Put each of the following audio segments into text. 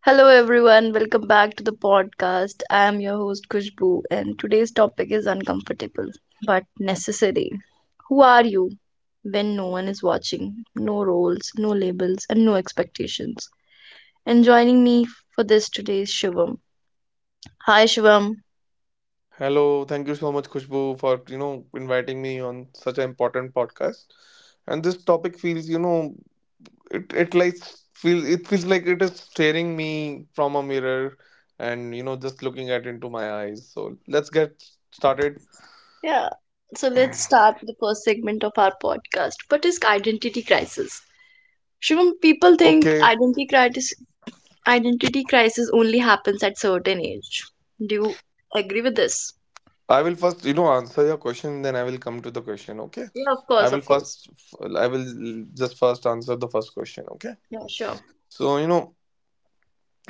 Hello everyone, welcome back to the podcast. I am your host Kushbu and today's topic is uncomfortable but necessary. Who are you when no one is watching? No roles, no labels and no expectations. And joining me for this today is Shivam. Hi Shivam. Hello, thank you so much, Khushbu, for inviting me on such an important podcast. And this topic feels, it it like it feels like it is staring me from a mirror, and just looking at into my eyes. So let's get started. Yeah. So let's start with the first segment of our podcast. What is identity crisis? Shivam, people think Okay, identity crisis only happens at certain age. Do you agree with this? I will first answer your question, then I will come to the question. Okay, Yeah, of I course, will of course. first I will just first answer the first question. Okay, Yeah, sure. so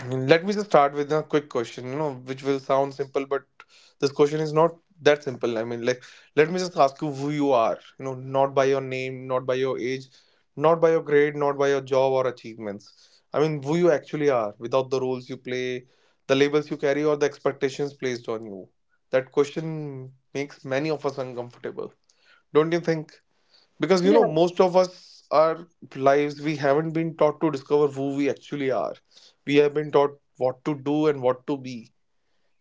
let me just start with a quick question, which will sound simple, but this question is not that simple. I mean, like, let me just ask you who you are, not by your name, not by your age, not by your grade, not by your job or achievements. I mean, who you actually are without the roles you play, the labels you carry, or the expectations placed on you. That question makes many of us uncomfortable. Don't you think? Because Yeah, most of us our lives we haven't been taught to discover who we actually are. We have been taught what to do and what to be,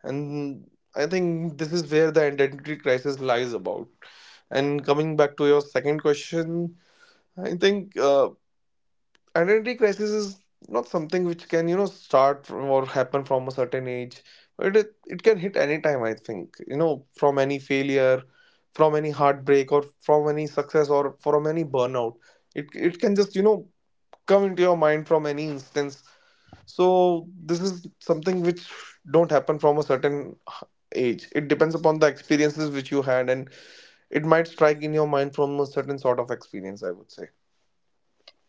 and I think this is where the identity crisis lies about. And coming back to your second question, I think identity crisis is not something which can start from or happen from a certain age. It can hit any time. I think from any failure, from any heartbreak, or from any success, or from any burnout. It can just come into your mind from any instance. So this is something which don't happen from a certain h- age. It depends upon the experiences which you had, and it might strike in your mind from a certain sort of experience, I would say.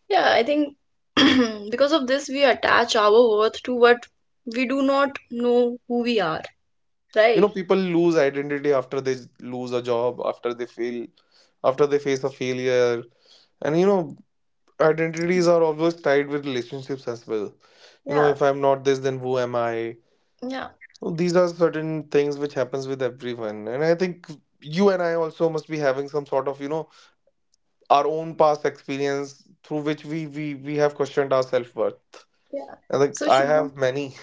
yeah. I think because of this, we attach our worth to what we do not know who we are, right? People lose identity after they lose a job, after they feel after they face a failure. And identities are always tied with relationships as well. Yeah, If I'm not this, then who am I? yeah, Well, these are certain things which happens with everyone, and I think you and I also must be having some sort of our own past experience through which we have questioned our self-worth. yeah. I think So I Shivam, have many.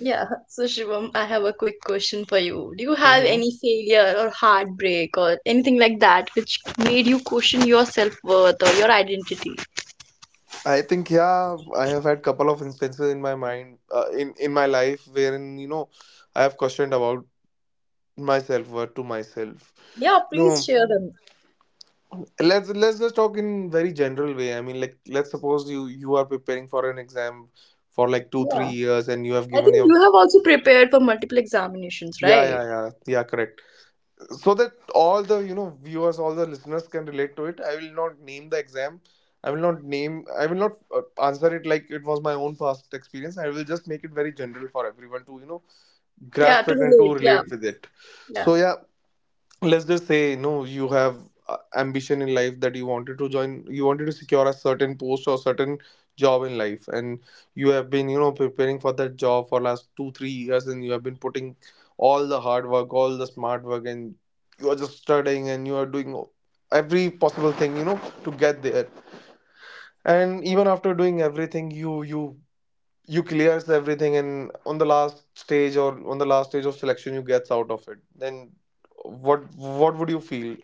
yeah. So Shivam, I have a quick question for you. Do you have any failure or heartbreak or anything like that which made you question your self-worth or your identity? I think, yeah, I have had couple of instances in my mind, in my life wherein I have questioned about myself worth to myself. Yeah, You please know, share them. let's just talk in very general way. I mean, like, let's suppose you are preparing for an exam for like two three Yeah. years and you have I given think your, you have also prepared for multiple examinations, yeah, right? yeah, yeah, yeah, correct. So that all the viewers, all the listeners, can relate to it. I will not name the exam. I will not answer it like it was my own past experience. I will just make it very general for everyone to Yeah, grasp to it and to relate. Yeah, relate with it. yeah. So yeah, let's just say, no, you have ambition in life that you wanted to secure a certain post or certain job in life, and you have been preparing for that job for last 2-3 years, and you have been putting all the hard work, all the smart work, and you are just studying and you are doing every possible thing to get there. And even after doing everything, you you clears everything, and on the last stage or on the last stage of selection, you gets out of it. Then what would you feel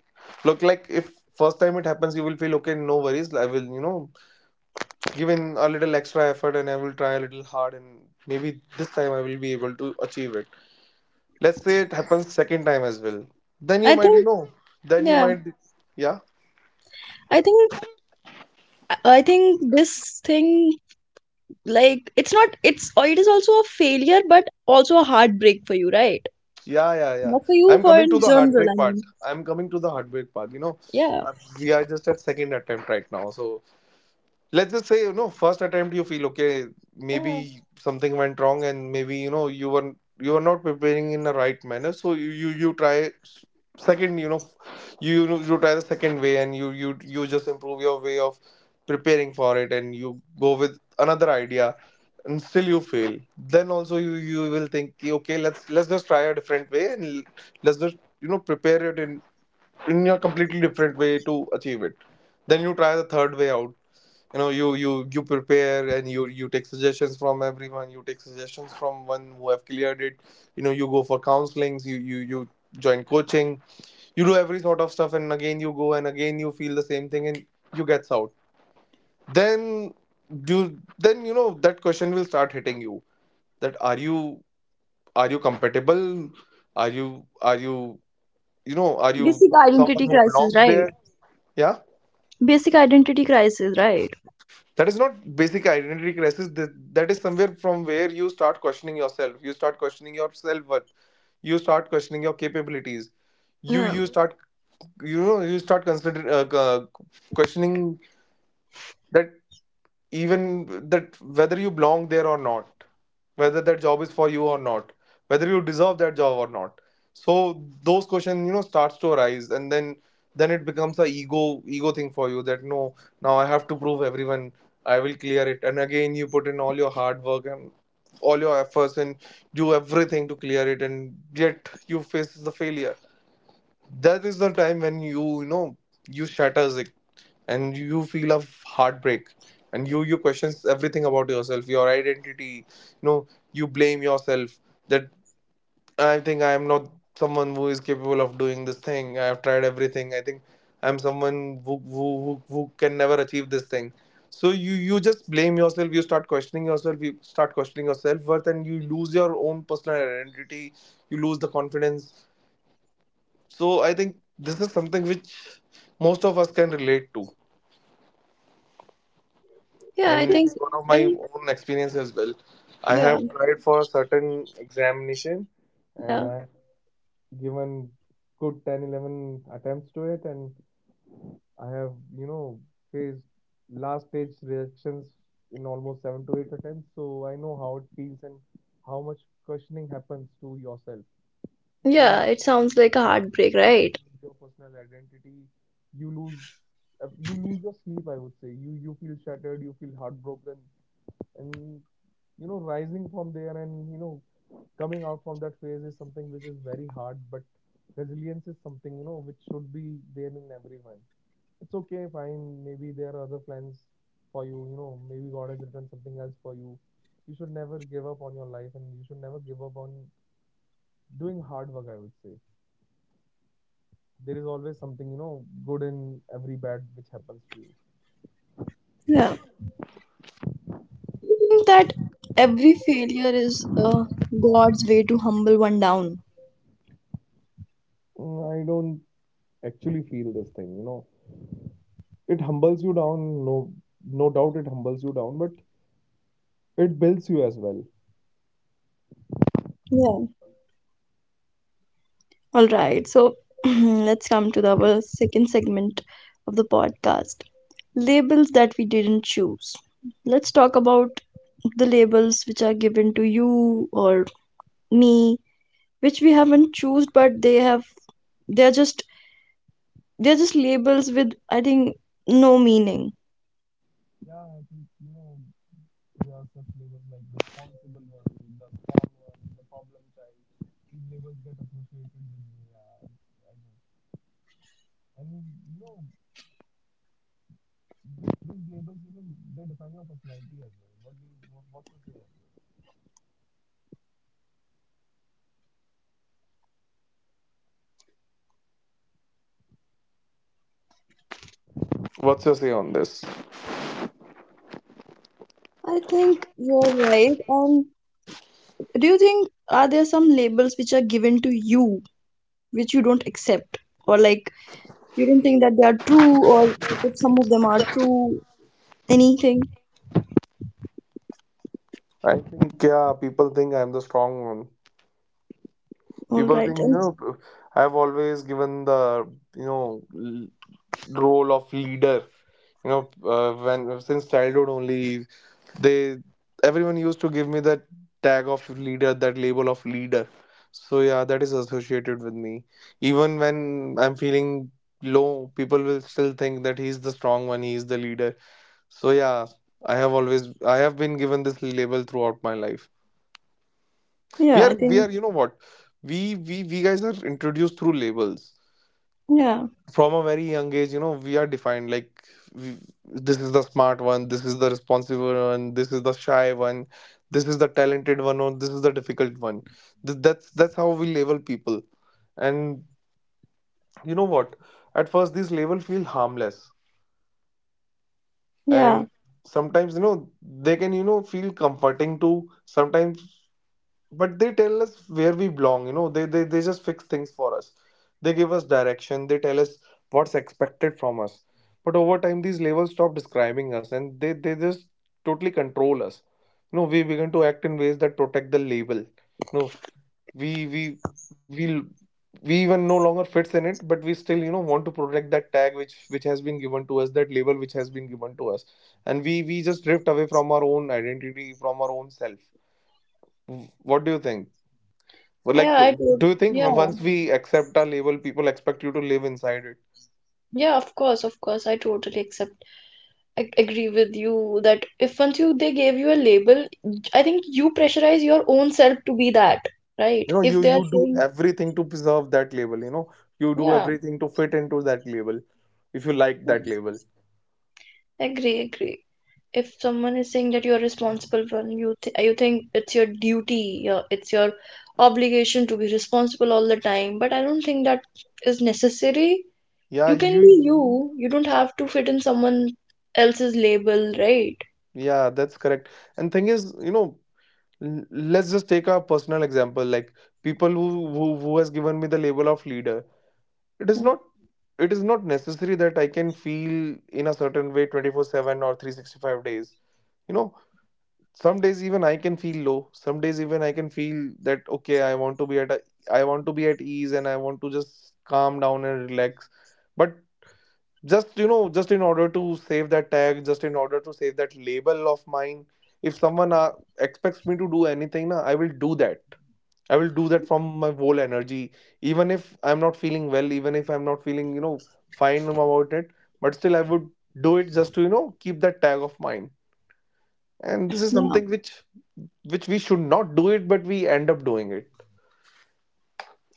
look like? If first time it happens, you will feel okay, no worries, I will give in a little extra effort and I will try a little hard, and maybe this time I will be able to achieve it. Let's say it happens second time as well, then you I might think then you yeah, might, yeah, I think I think this thing, like, it's not it's or it is also a failure but also a heartbreak for you, right? yeah, yeah, yeah. Not for you, I'm for coming to in the general, heartbreak I part. mean. i'm coming to the heartbreak part you know Yeah. uh, we are just at second attempt right now. So let's just say, first attempt you feel okay. Yeah. Maybe something went wrong, and maybe you were not preparing in the right manner. So you try second. You try the second way, and you just improve your way of preparing for it, and you go with another idea. And still you fail, then also you will think, "Ki, okay, let's just try a different way, and let's just prepare it in a completely different way to achieve it." Then you try the third way out. You prepare, and you take suggestions from everyone. You take suggestions from one who have cleared it. You go for counselings. You join coaching. You do every sort of stuff, and again you go, and again you feel the same thing, and you gets out. Then you, then that question will start hitting you, that are you, are you compatible? are you are you you know are you Basic someone identity who crisis, belongs right? there? Yeah, Basic identity crisis, right? that is not basic identity crisis. That is somewhere from where you start questioning yourself. You start questioning your self-worth. You start questioning your capabilities. you Yeah, you start you start consider questioning that, even that, whether you belong there or not, whether that job is for you or not, whether you deserve that job or not. So those questions starts to arise, and then it becomes a ego thing for you, that no, now I have to prove everyone I will clear it. And again you put in all your hard work and all your efforts, and do everything to clear it, and yet you face the failure. That is the time when you know you shatters it, and you feel of heartbreak, and you questions everything about yourself, your identity. You blame yourself that I think I am not someone who is capable of doing this thing. I have tried everything. I think I'm someone who can never achieve this thing. So you just blame yourself. You start questioning yourself. You start questioning your self-worth, and you lose your own personal identity. You lose the confidence. So I think this is something which most of us can relate to. yeah. I And yes, think. it's one of my And own experience as well. I yeah, have tried for a certain examination, and yeah, I have given good 10, 11 attempts to it, and I have faced last stage reactions in almost 7 to 8 attempts. So I know how it feels and how much questioning happens to yourself. You yeah. It lose sounds your like a confidence, heartbreak, you right? lose your personal identity, you lose you lose your sleep, I would say. You feel shattered, you feel heartbroken. And rising from there and coming out from that phase is something which is very hard, but resilience is something which should be there in everyone. It's okay, fine. Maybe there are other plans for you. You know maybe god has written something else for you. You should never give up on your life, and you should never give up on doing hard work, I would say. There is always something good in every bad which happens to you. Yeah, think that every failure is God's way to humble one down. Mm, I don't actually feel this thing. It humbles you down, no, no doubt it humbles you down, but it builds you as well. Yeah. All right, so let's come to our second segment of the podcast, labels that we didn't choose. Let's talk about the labels which are given to you or me, which we haven't choose, but they're just they're just labels with, I think, no meaning. Yeah, I think there are such labels like responsible one, the small one, the problem child. These labels get associated with you. Yeah, I know. And you know, these labels, you, they define your personality as well. What do you, what, what's your say on this? What's your say on this? I think you're right. And do you think, are there some labels which are given to you which you don't accept, or like, you don't think that they are true, or if some of them are true, anything? I think, yeah, people think I'm the strong one. All People think right. And I've always given the you know role of leader. When since childhood only they, everyone used to give me that tag of leader, that label of leader. So yeah, that is associated with me. Even when I'm feeling low, people will still think that he's the strong one, he's the leader. So yeah, I have always, I have been given this label throughout my life. we yeah, are I we think. are what, we guys are introduced through labels Yeah, from a very young age. We are defined like, we, this is the smart one, this is the responsible one, this is the shy one, this is the talented one, or this is the difficult one. That's how we label people. And you know what? At first, these labels feel harmless, yeah. and sometimes they can feel comforting too. Sometimes, but they tell us where we belong, they just fix things for us. They give us direction. They tell us what's expected from us. But over time, these labels stop describing us, and they just totally control us. You know, we begin to act in ways that protect the label. We we we we even no longer fits in it, but we still want to protect that tag which has been given to us, that label which has been given to us. And we just drift away from our own identity, from our own self. W- what do you think? well, Yeah, Like, uh, I do. do you think Yeah, once we accept a label, people expect you to live inside it? yeah, of course, of course. I totally accept. I agree with you that if once you they gave you a label, I think you pressurize your own self to be that, right? You know, If you they are you do saying, everything to preserve that label. You know, you do yeah. everything to fit into that label if you like that label. Agree, agree. If someone is saying that you're responsible for, you think it's your duty, it's your obligation to be responsible all the time. But I don't think that is necessary. Yeah, You can you. be you. You don't have to fit in someone else's label, right? Yeah, that's correct. And thing is, you know, let's just take a personal example. Like, people who who has given me the label of leader. It is Mm. not. It is not necessary that I can feel in a certain way 24/7 or 365 days. You know, some days even I can feel low. Some days even I can feel that, okay, I want to be at a, I want to be at ease and I want to just calm down and relax. But just just in order to save that tag, just in order to save that label of mine, if someone expects me to do anything na, I will do that. I will do that from my whole energy, even if I'm not feeling well, even if I'm not feeling fine about it. But still I would do it just to keep that tag of mine. And this is Yeah, something which we should not do it, but we end up doing it.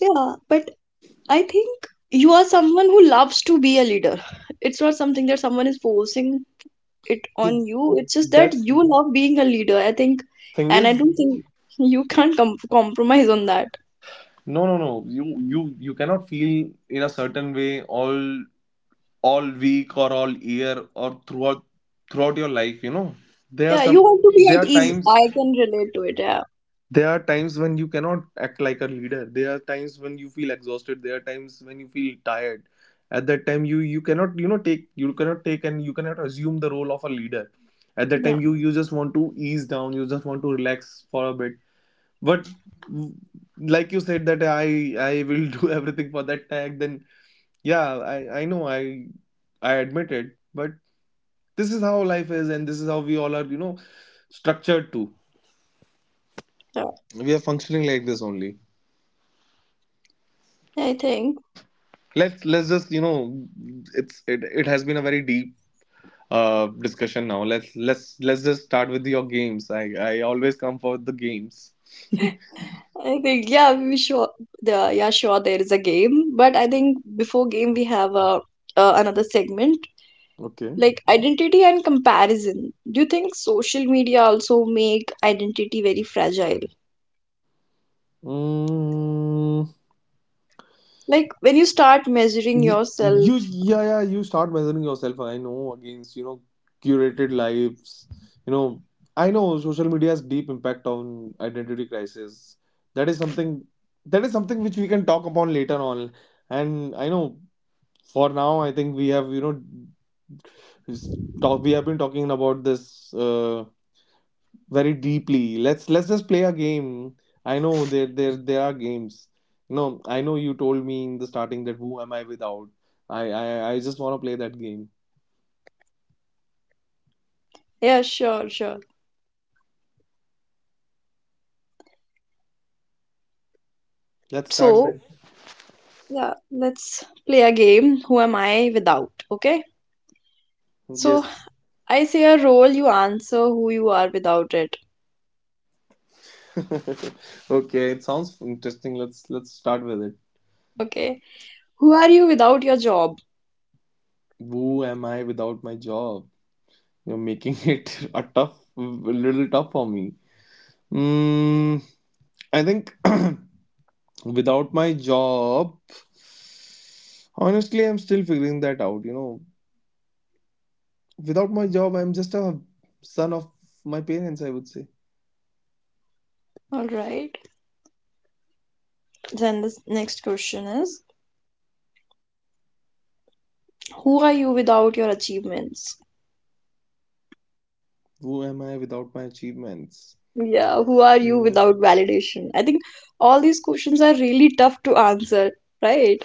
yeah, but I think you are someone who loves to be a leader. It's not something that someone is forcing it Th- on you. It's just that that's you love being a leader, I think, Thing and I is, don't think you can't compromise on that. no, no, no, you cannot feel in a certain way all week or all year, or throughout your life. You know, there are Yeah, you some, want to there be at are ease. times, I can relate to it. Yeah, there are times when you cannot act like a leader. There are times when you feel exhausted. There are times when you feel tired. At that time, you cannot take, you cannot take and you cannot assume the role of a leader. At that yeah, time, you just want to ease down, you just want to relax for a bit. But, w- like you said, that I will do everything for that tag. Then yeah, I know I admit it. But this is how life is, and this is how we all are, you know, structured to. yeah. We are functioning like this only. I think, Let's just you know, it's it has been a very deep discussion. Now, let's just start with your games. I always come for the games. I think, yeah, we sure, the, yeah, sure, there is a game, but I think before game we have a another segment, Okay. like identity and comparison. Do you think social media also make identity very fragile? Mm, Like when you start measuring y- you, yourself, yeah, yeah, you start measuring yourself. I know, against, you know, curated lives. You know, I know social media's deep impact on identity crisis. That is something. That is something which we can talk upon later on. And I know for now, I think we have, you know, he's talk, we have been talking about this very deeply. Let's just play a game. I know there are games. No, I know you told me in the starting that, who am I without? I just want to play that game. yeah, sure, sure. Let's start So then. yeah, let's play a game. Who am I without? Okay. So Yes. I say a role, you answer who you are without it. Okay, it sounds interesting. Let's start with it. Okay. Who are you without your job? Who am I without my job? You're making it a tough, a little tough for me. Mm, I think. Without my job, honestly, I'm still figuring that out, you know. Without my job, I'm just a son of my parents, I would say. All right. Then the next question is, who are you without your achievements? Who am I without my achievements? Yeah, who are You you know, without validation? I think all these questions are really tough to answer, right?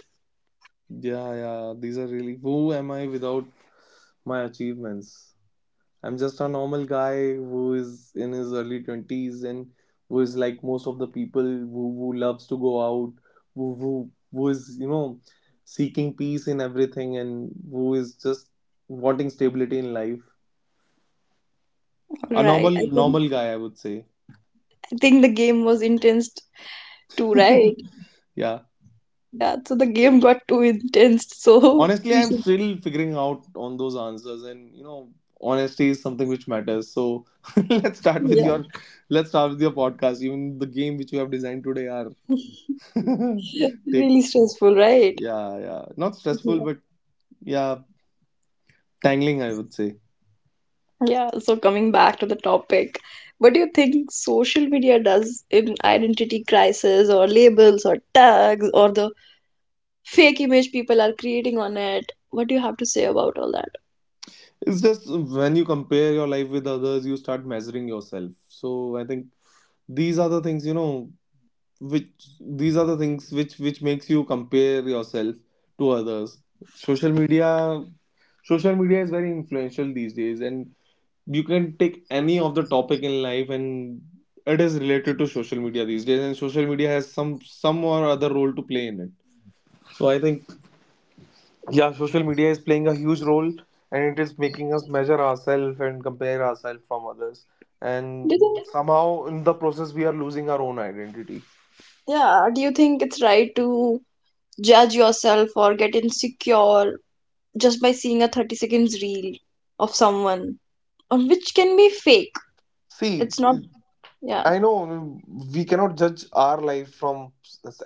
yeah, yeah, these are really, who am I without my achievements? I'm just a normal guy who is in his early 20s, and who is like most of the people, who loves to go out, who is, you know, seeking peace in everything, and who is just wanting stability in life. A Right. normal, I think normal guy, I would say. I think the game was intense too, right? Yeah. Yeah, so the game got too intense, so Honestly, we I'm should, still figuring out on those answers, and you know, honesty is something which matters. So let's start with yeah. your let's start with your podcast. Even the game which you have designed today are take, Really stressful, right? yeah, yeah. Not stressful, Yeah. but yeah, tangling, I would say. Yeah, so coming back to the topic, what do you think social media does in identity crisis or labels or tags or the fake image people are creating on it? What do you have to say about all that? It's just when you compare your life with others, you start measuring yourself. So I think these are the things, you know, which, these are the things which makes you compare yourself to others. Social media, Social media is very influential these days, and you can take any of the topic in life, and it is related to social media these days, and social media has some or other role to play in it. So I think, yeah, social media is playing a huge role, and it is making us measure ourselves and compare ourselves from others. Do And you think, somehow, in the process, we are losing our own identity. yeah, do you think it's right to judge yourself or get insecure just by seeing a 30 seconds reel of someone on which can be fake? See, It's not, yeah, I know we cannot judge our life from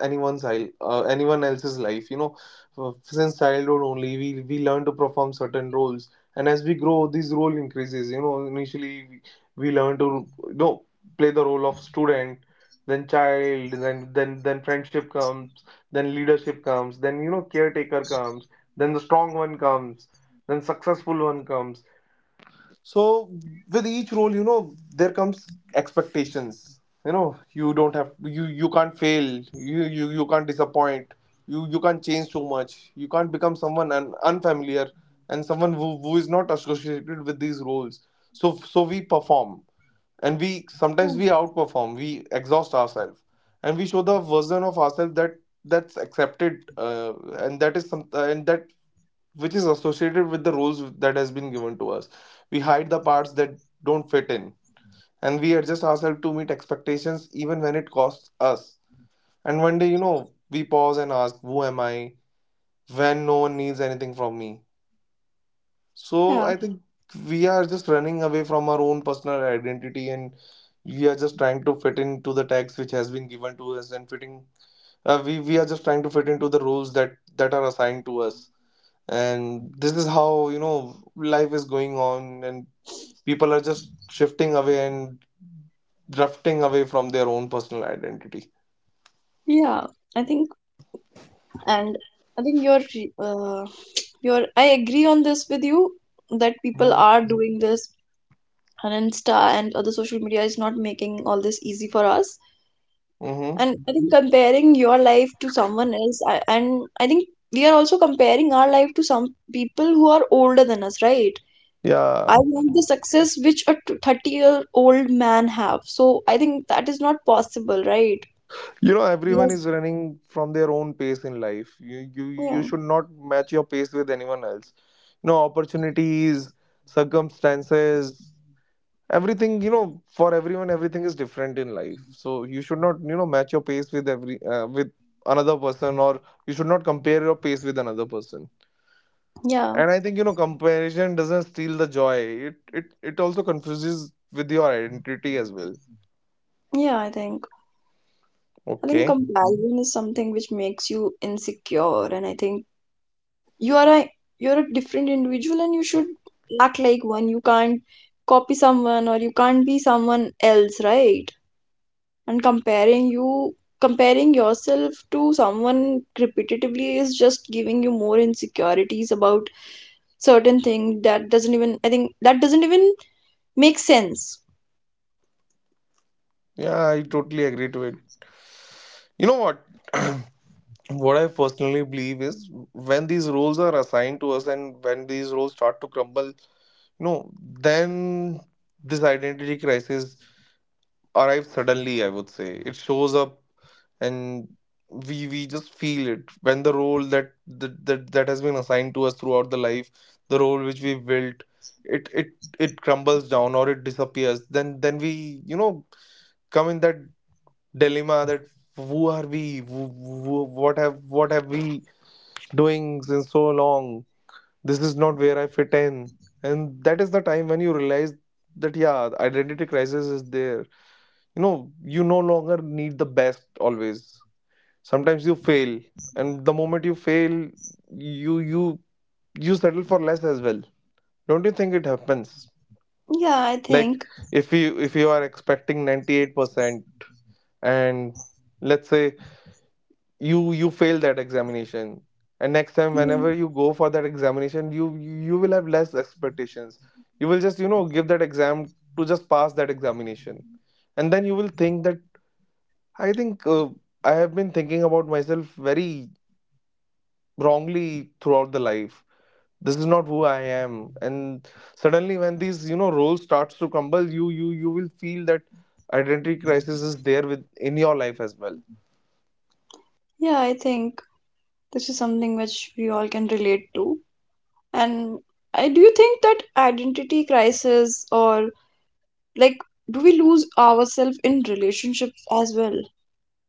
anyone's anyone else's life. You know, Uh, since childhood only, we learn to perform certain roles, and as we grow, these role increases. You know, initially we learn to you know play the role of student, then child, then then friendship comes, then leadership comes, then, you know, caretaker comes, then the strong one comes, then successful one comes. So with each role, you know, there comes expectations. You know, you don't have, you can't fail, you can't disappoint, you can't change too much, you can't become someone unfamiliar and someone who is not associated with these roles. So we perform, and we yeah, sometimes we outperform, we exhaust ourselves, and we show the version of ourselves that, that's accepted, and that which is associated with the roles that has been given to us. We hide the parts that don't fit in, and we adjust ourselves to meet expectations, even when it costs us. And one day, you know, we pause and ask, who am I when no one needs anything from me? So yeah. I think we are just running away from our own personal identity, and we are just trying to fit into the text which has been given to us, and fitting, we are just trying to fit into the rules that are assigned to us. And this is how, you know, life is going on, and people are just shifting away and drifting away from their own personal identity. Yeah. I think. And I think you're re- you're I agree on this with you that people are doing this on Insta, and other social media is not making all this easy for us. Mm-hmm. And I think comparing your life to someone else, and I think we are also comparing our life to some people who are older than us, right? Yeah, I want the success which a 30-year-old man have, so I think that is not possible, right? you know, everyone Yes. is running from their own pace in life. you you Yeah, you should not match your pace with anyone else. You know, opportunities, circumstances, everything, you know, for everyone, everything is different in life. So you should not, you know, match your pace with every with another person, or you should not compare your pace with another person. yeah, And I think, you know, comparison doesn't steal the joy. It also confuses with your identity as well. yeah. I think. I think Okay. comparison is something which makes you insecure, and I think you are a you're a different individual, and you should act like one. You can't copy someone, or you can't be someone else, right? And comparing yourself to someone repetitively is just giving you more insecurities about certain thing that doesn't even I think that doesn't even make sense. Yeah, I totally agree to it. You know what? What I personally believe is, when these roles are assigned to us, and when these roles start to crumble, you know, then this identity crisis arrive suddenly, I would say. It shows up. And we just feel it when the role that has been assigned to us throughout the life, the role which we built, it it crumbles down, or it disappears. Then we, you know, come in that dilemma that, who are we? What have, what have we doing since so long? This is not where I fit in. And that is the time when you realize that yeah, identity crisis is there. You know, you no longer need the best always. Sometimes you fail, and the moment you fail, you you settle for less as well. Don't you think it happens? Yeah, I Like, think. if you are expecting 98%, and let's say you fail that examination, and next time, Yeah, whenever you go for that examination, you will have less expectations. You will just, you know, give that exam to just pass that examination. And then you will think that, I think, I have been thinking about myself very wrongly throughout the life. This is not who I am, and suddenly when these roles starts to crumble, you will feel that identity crisis is there with in your life as well. yeah, I think this is something which we all can relate to. And do you think that identity crisis, or like, do we lose ourselves in relationships as well?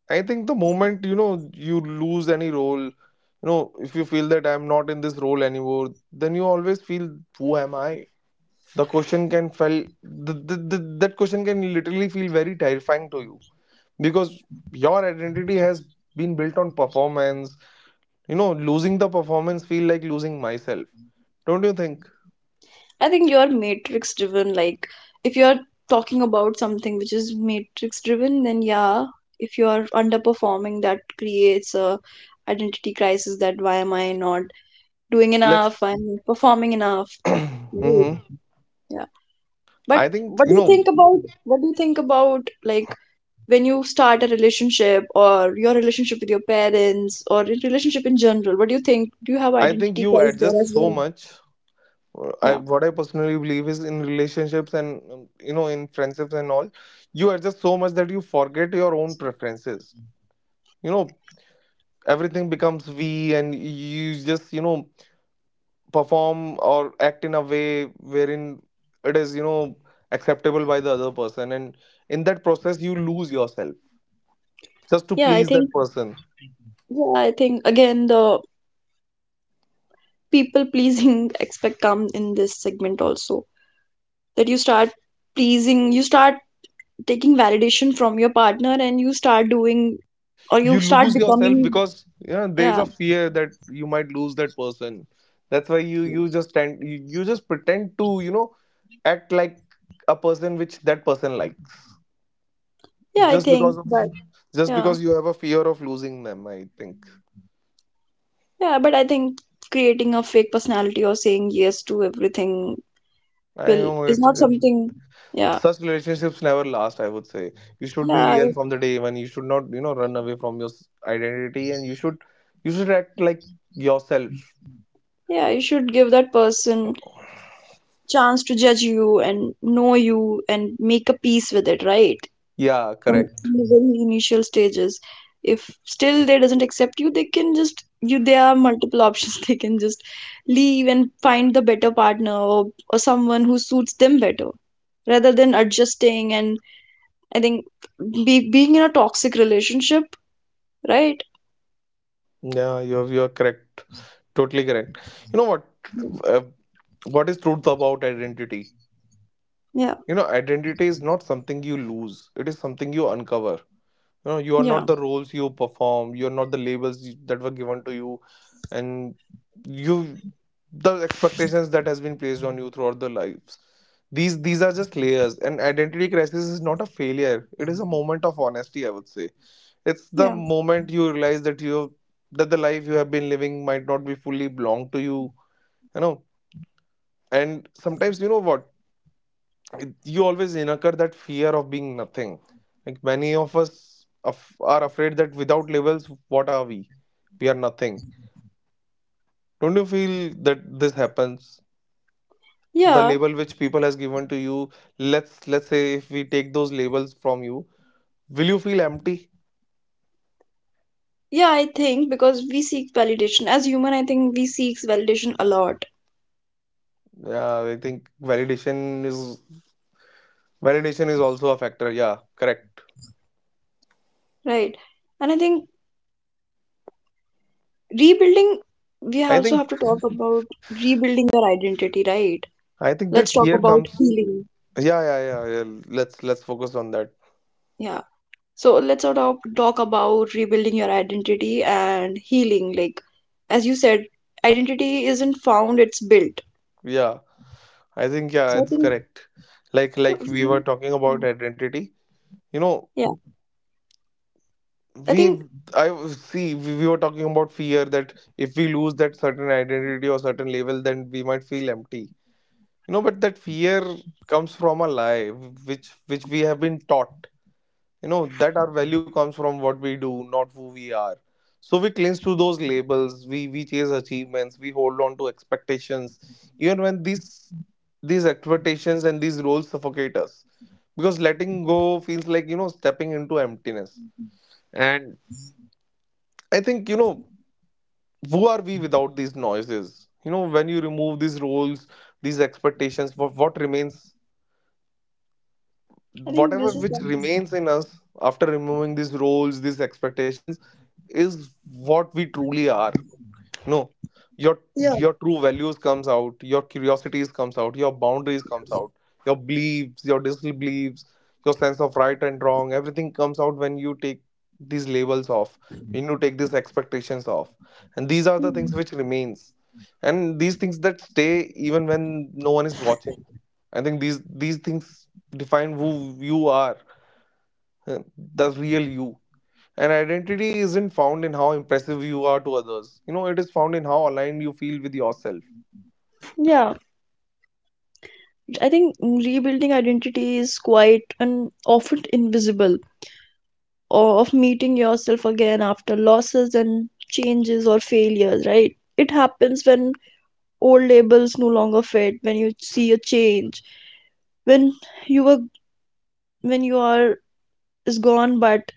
I think the moment you lose any role, you know if you feel that I'm not in this role anymore, then you always feel, who am I? The question can feel that question can literally feel very terrifying to you because your identity has been built on performance. Losing the performance feel like losing myself, don't you think? I think you're matrix driven. Like, if you're talking about something which is matrix driven, then yeah, if you're underperforming, that creates a identity crisis. That why am I not doing enough? Let's I'm performing enough. Right. hmm Yeah. i But think what you do you know think about what do you think about, like, when you start a relationship or your relationship with your parents or in relationship in general, what do you think, do you have I think identity you crisis there adjust as so well? much. I Yeah, what I personally believe is in relationships and you know, in friendships and all, you adjust so much that you forget your own preferences, you know. Everything becomes we, and you just, you know, perform or act in a way wherein it is, you know, acceptable by the other person, and in that process you lose yourself just to yeah, please that person. I think again the people pleasing aspect come in this segment also, that you start pleasing, you start taking validation from your partner, and you start doing, or you You start lose becoming. yourself because you know there is Yeah, a fear that you might lose that person. That's why you just tend you, you just pretend to, you know, act like a person which that person likes, yeah, I just because think. of, But just yeah, because you have a fear of losing them. I think yeah, but I think creating a fake personality or saying yes to everything I will know is it's not it, something. Yeah. such relationships never last, I would say. You should be Yeah, real from the day. When you should not, you know, run away from your identity and you should, you should act like yourself. yeah, You should give that person chance to judge you and know you and make a peace with it, right? Yeah, From correct. the very initial stages, if still they doesn't accept you, they can just you there are multiple options. They can just leave and find the better partner, or someone who suits them better, rather than adjusting and, I think, being in a toxic relationship, right? Yeah, you're correct. Totally correct. You know what? Uh, what is truth about identity? Yeah, You know, identity is not something you lose. It is something you uncover. You know, you are yeah, not the roles you perform. You are not the labels that were given to you and you, the expectations that has been placed on you throughout the lives. These are just layers, and identity crisis is not a failure. It is a moment of honesty, I would say. It's the yeah, moment you realize that you that the life you have been living might not be fully belong to you, you know. And sometimes, you know what, you always incur that fear of being nothing. Like many of us are afraid that without labels, what are we? We are nothing. Don't you feel that this happens? The yeah. label which people has given to you, let's say if we take those labels from you, will you feel empty? Yeah, I think because we seek validation as human, I think we seeks validation a lot, Yeah, I think validation is, validation is also a factor. Yeah, correct. right? And I think rebuilding, we I also think have to talk about rebuilding your identity, right? I think Let's that talk fear about comes. healing. Yeah, yeah, yeah, yeah. Let's focus on that. Yeah. So let's sort of talk about rebuilding your identity and healing. Like, as you said, identity isn't found, it's built. Yeah. I think yeah, So I it's think, correct. Like so, like we yeah, were talking about identity. You know, Yeah. I we think, I see we were talking about fear that if we lose that certain identity or certain label, then we might feel empty. You know, but that fear comes from a lie, which we have been taught. You know that our value comes from what we do, not who we are. So we cling to those labels. We chase achievements. We hold on to expectations, even when these expectations and these roles suffocate us, because letting go feels like, you know, stepping into emptiness. And I think, you know, who are we without these noises? You know, when you remove these roles, these expectations, what remains? I think Whatever this is which that. remains in us after removing these roles, these expectations, is what we truly are. No, your Yeah. your true values comes out, your curiosities comes out, your boundaries comes out, your beliefs, your disbeliefs, your sense of right and wrong. Everything comes out when you take these labels off, when you take these expectations off, and these are the things which remains, and these things that stay even when no one is watching. I think these things define who you are, uh, the real you. And identity isn't found in how impressive you are to others. You know, it is found in how aligned you feel with yourself. Yeah. I think rebuilding identity is quite and often invisible, or of meeting yourself again after losses and changes or failures, right? It happens when old labels no longer fit, when you see a change, when you were when you are is gone, but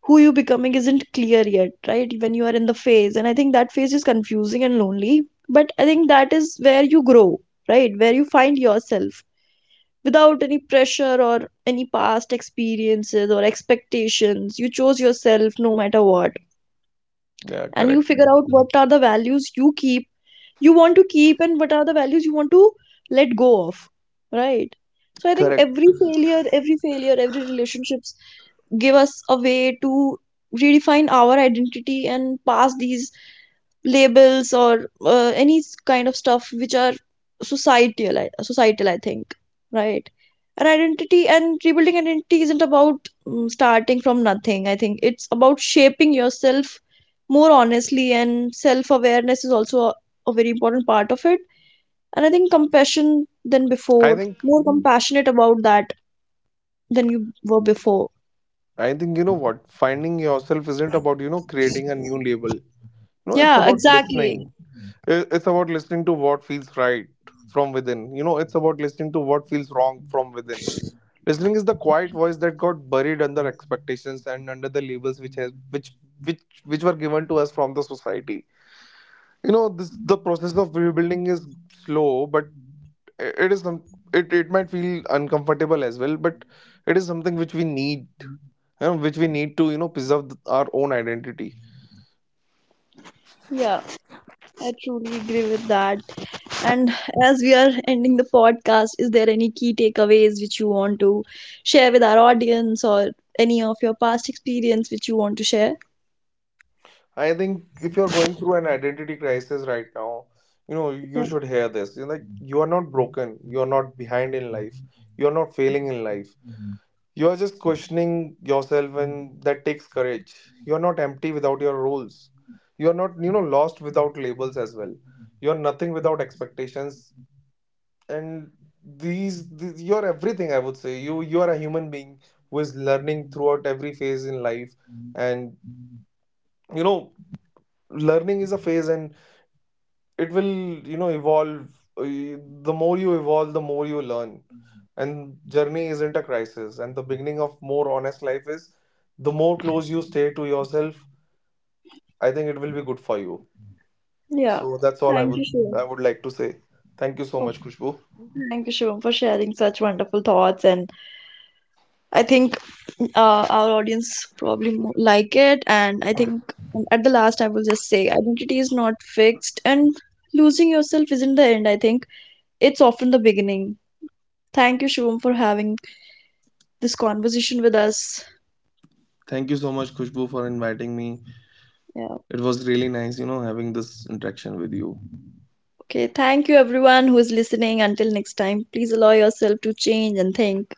who you becoming isn't clear yet, right? When you are in the phase and I think that phase is confusing and lonely, but I think that is where you grow, right? Where you find yourself without any pressure or any past experiences or expectations. You chose yourself no matter what, Yeah, and you correct. figure out what are the values you keep, you want to keep, and what are the values you want to let go of, right? So I think Correct. every failure, every relationships give us a way to redefine our identity and pass these labels, or any kind of stuff which are societal, I think, right? An identity and rebuilding identity isn't about, starting from nothing, I think it's about shaping yourself more honestly, and self awareness is also a very important part of it, and I think compassion than before, more compassionate about that than you were before. Yeah, exactly. Yeah, I truly agree with that. And as we are ending the podcast, is there any key takeaways which you want to share with our audience or any of your past experience which you want to share? Yeah. Yeah. Thank you, Shivam. Oh, thank you, Shivam, for sharing such wonderful thoughts. And I think, our audience probably like it. And I think, at the last, I will just say identity is not fixed, and losing yourself isn't the end. I think it's often the beginning. Thank you, Shubham, for having this conversation with us. Yeah. Okay. Thank you, everyone who is listening. Until next time, please allow yourself to change and think.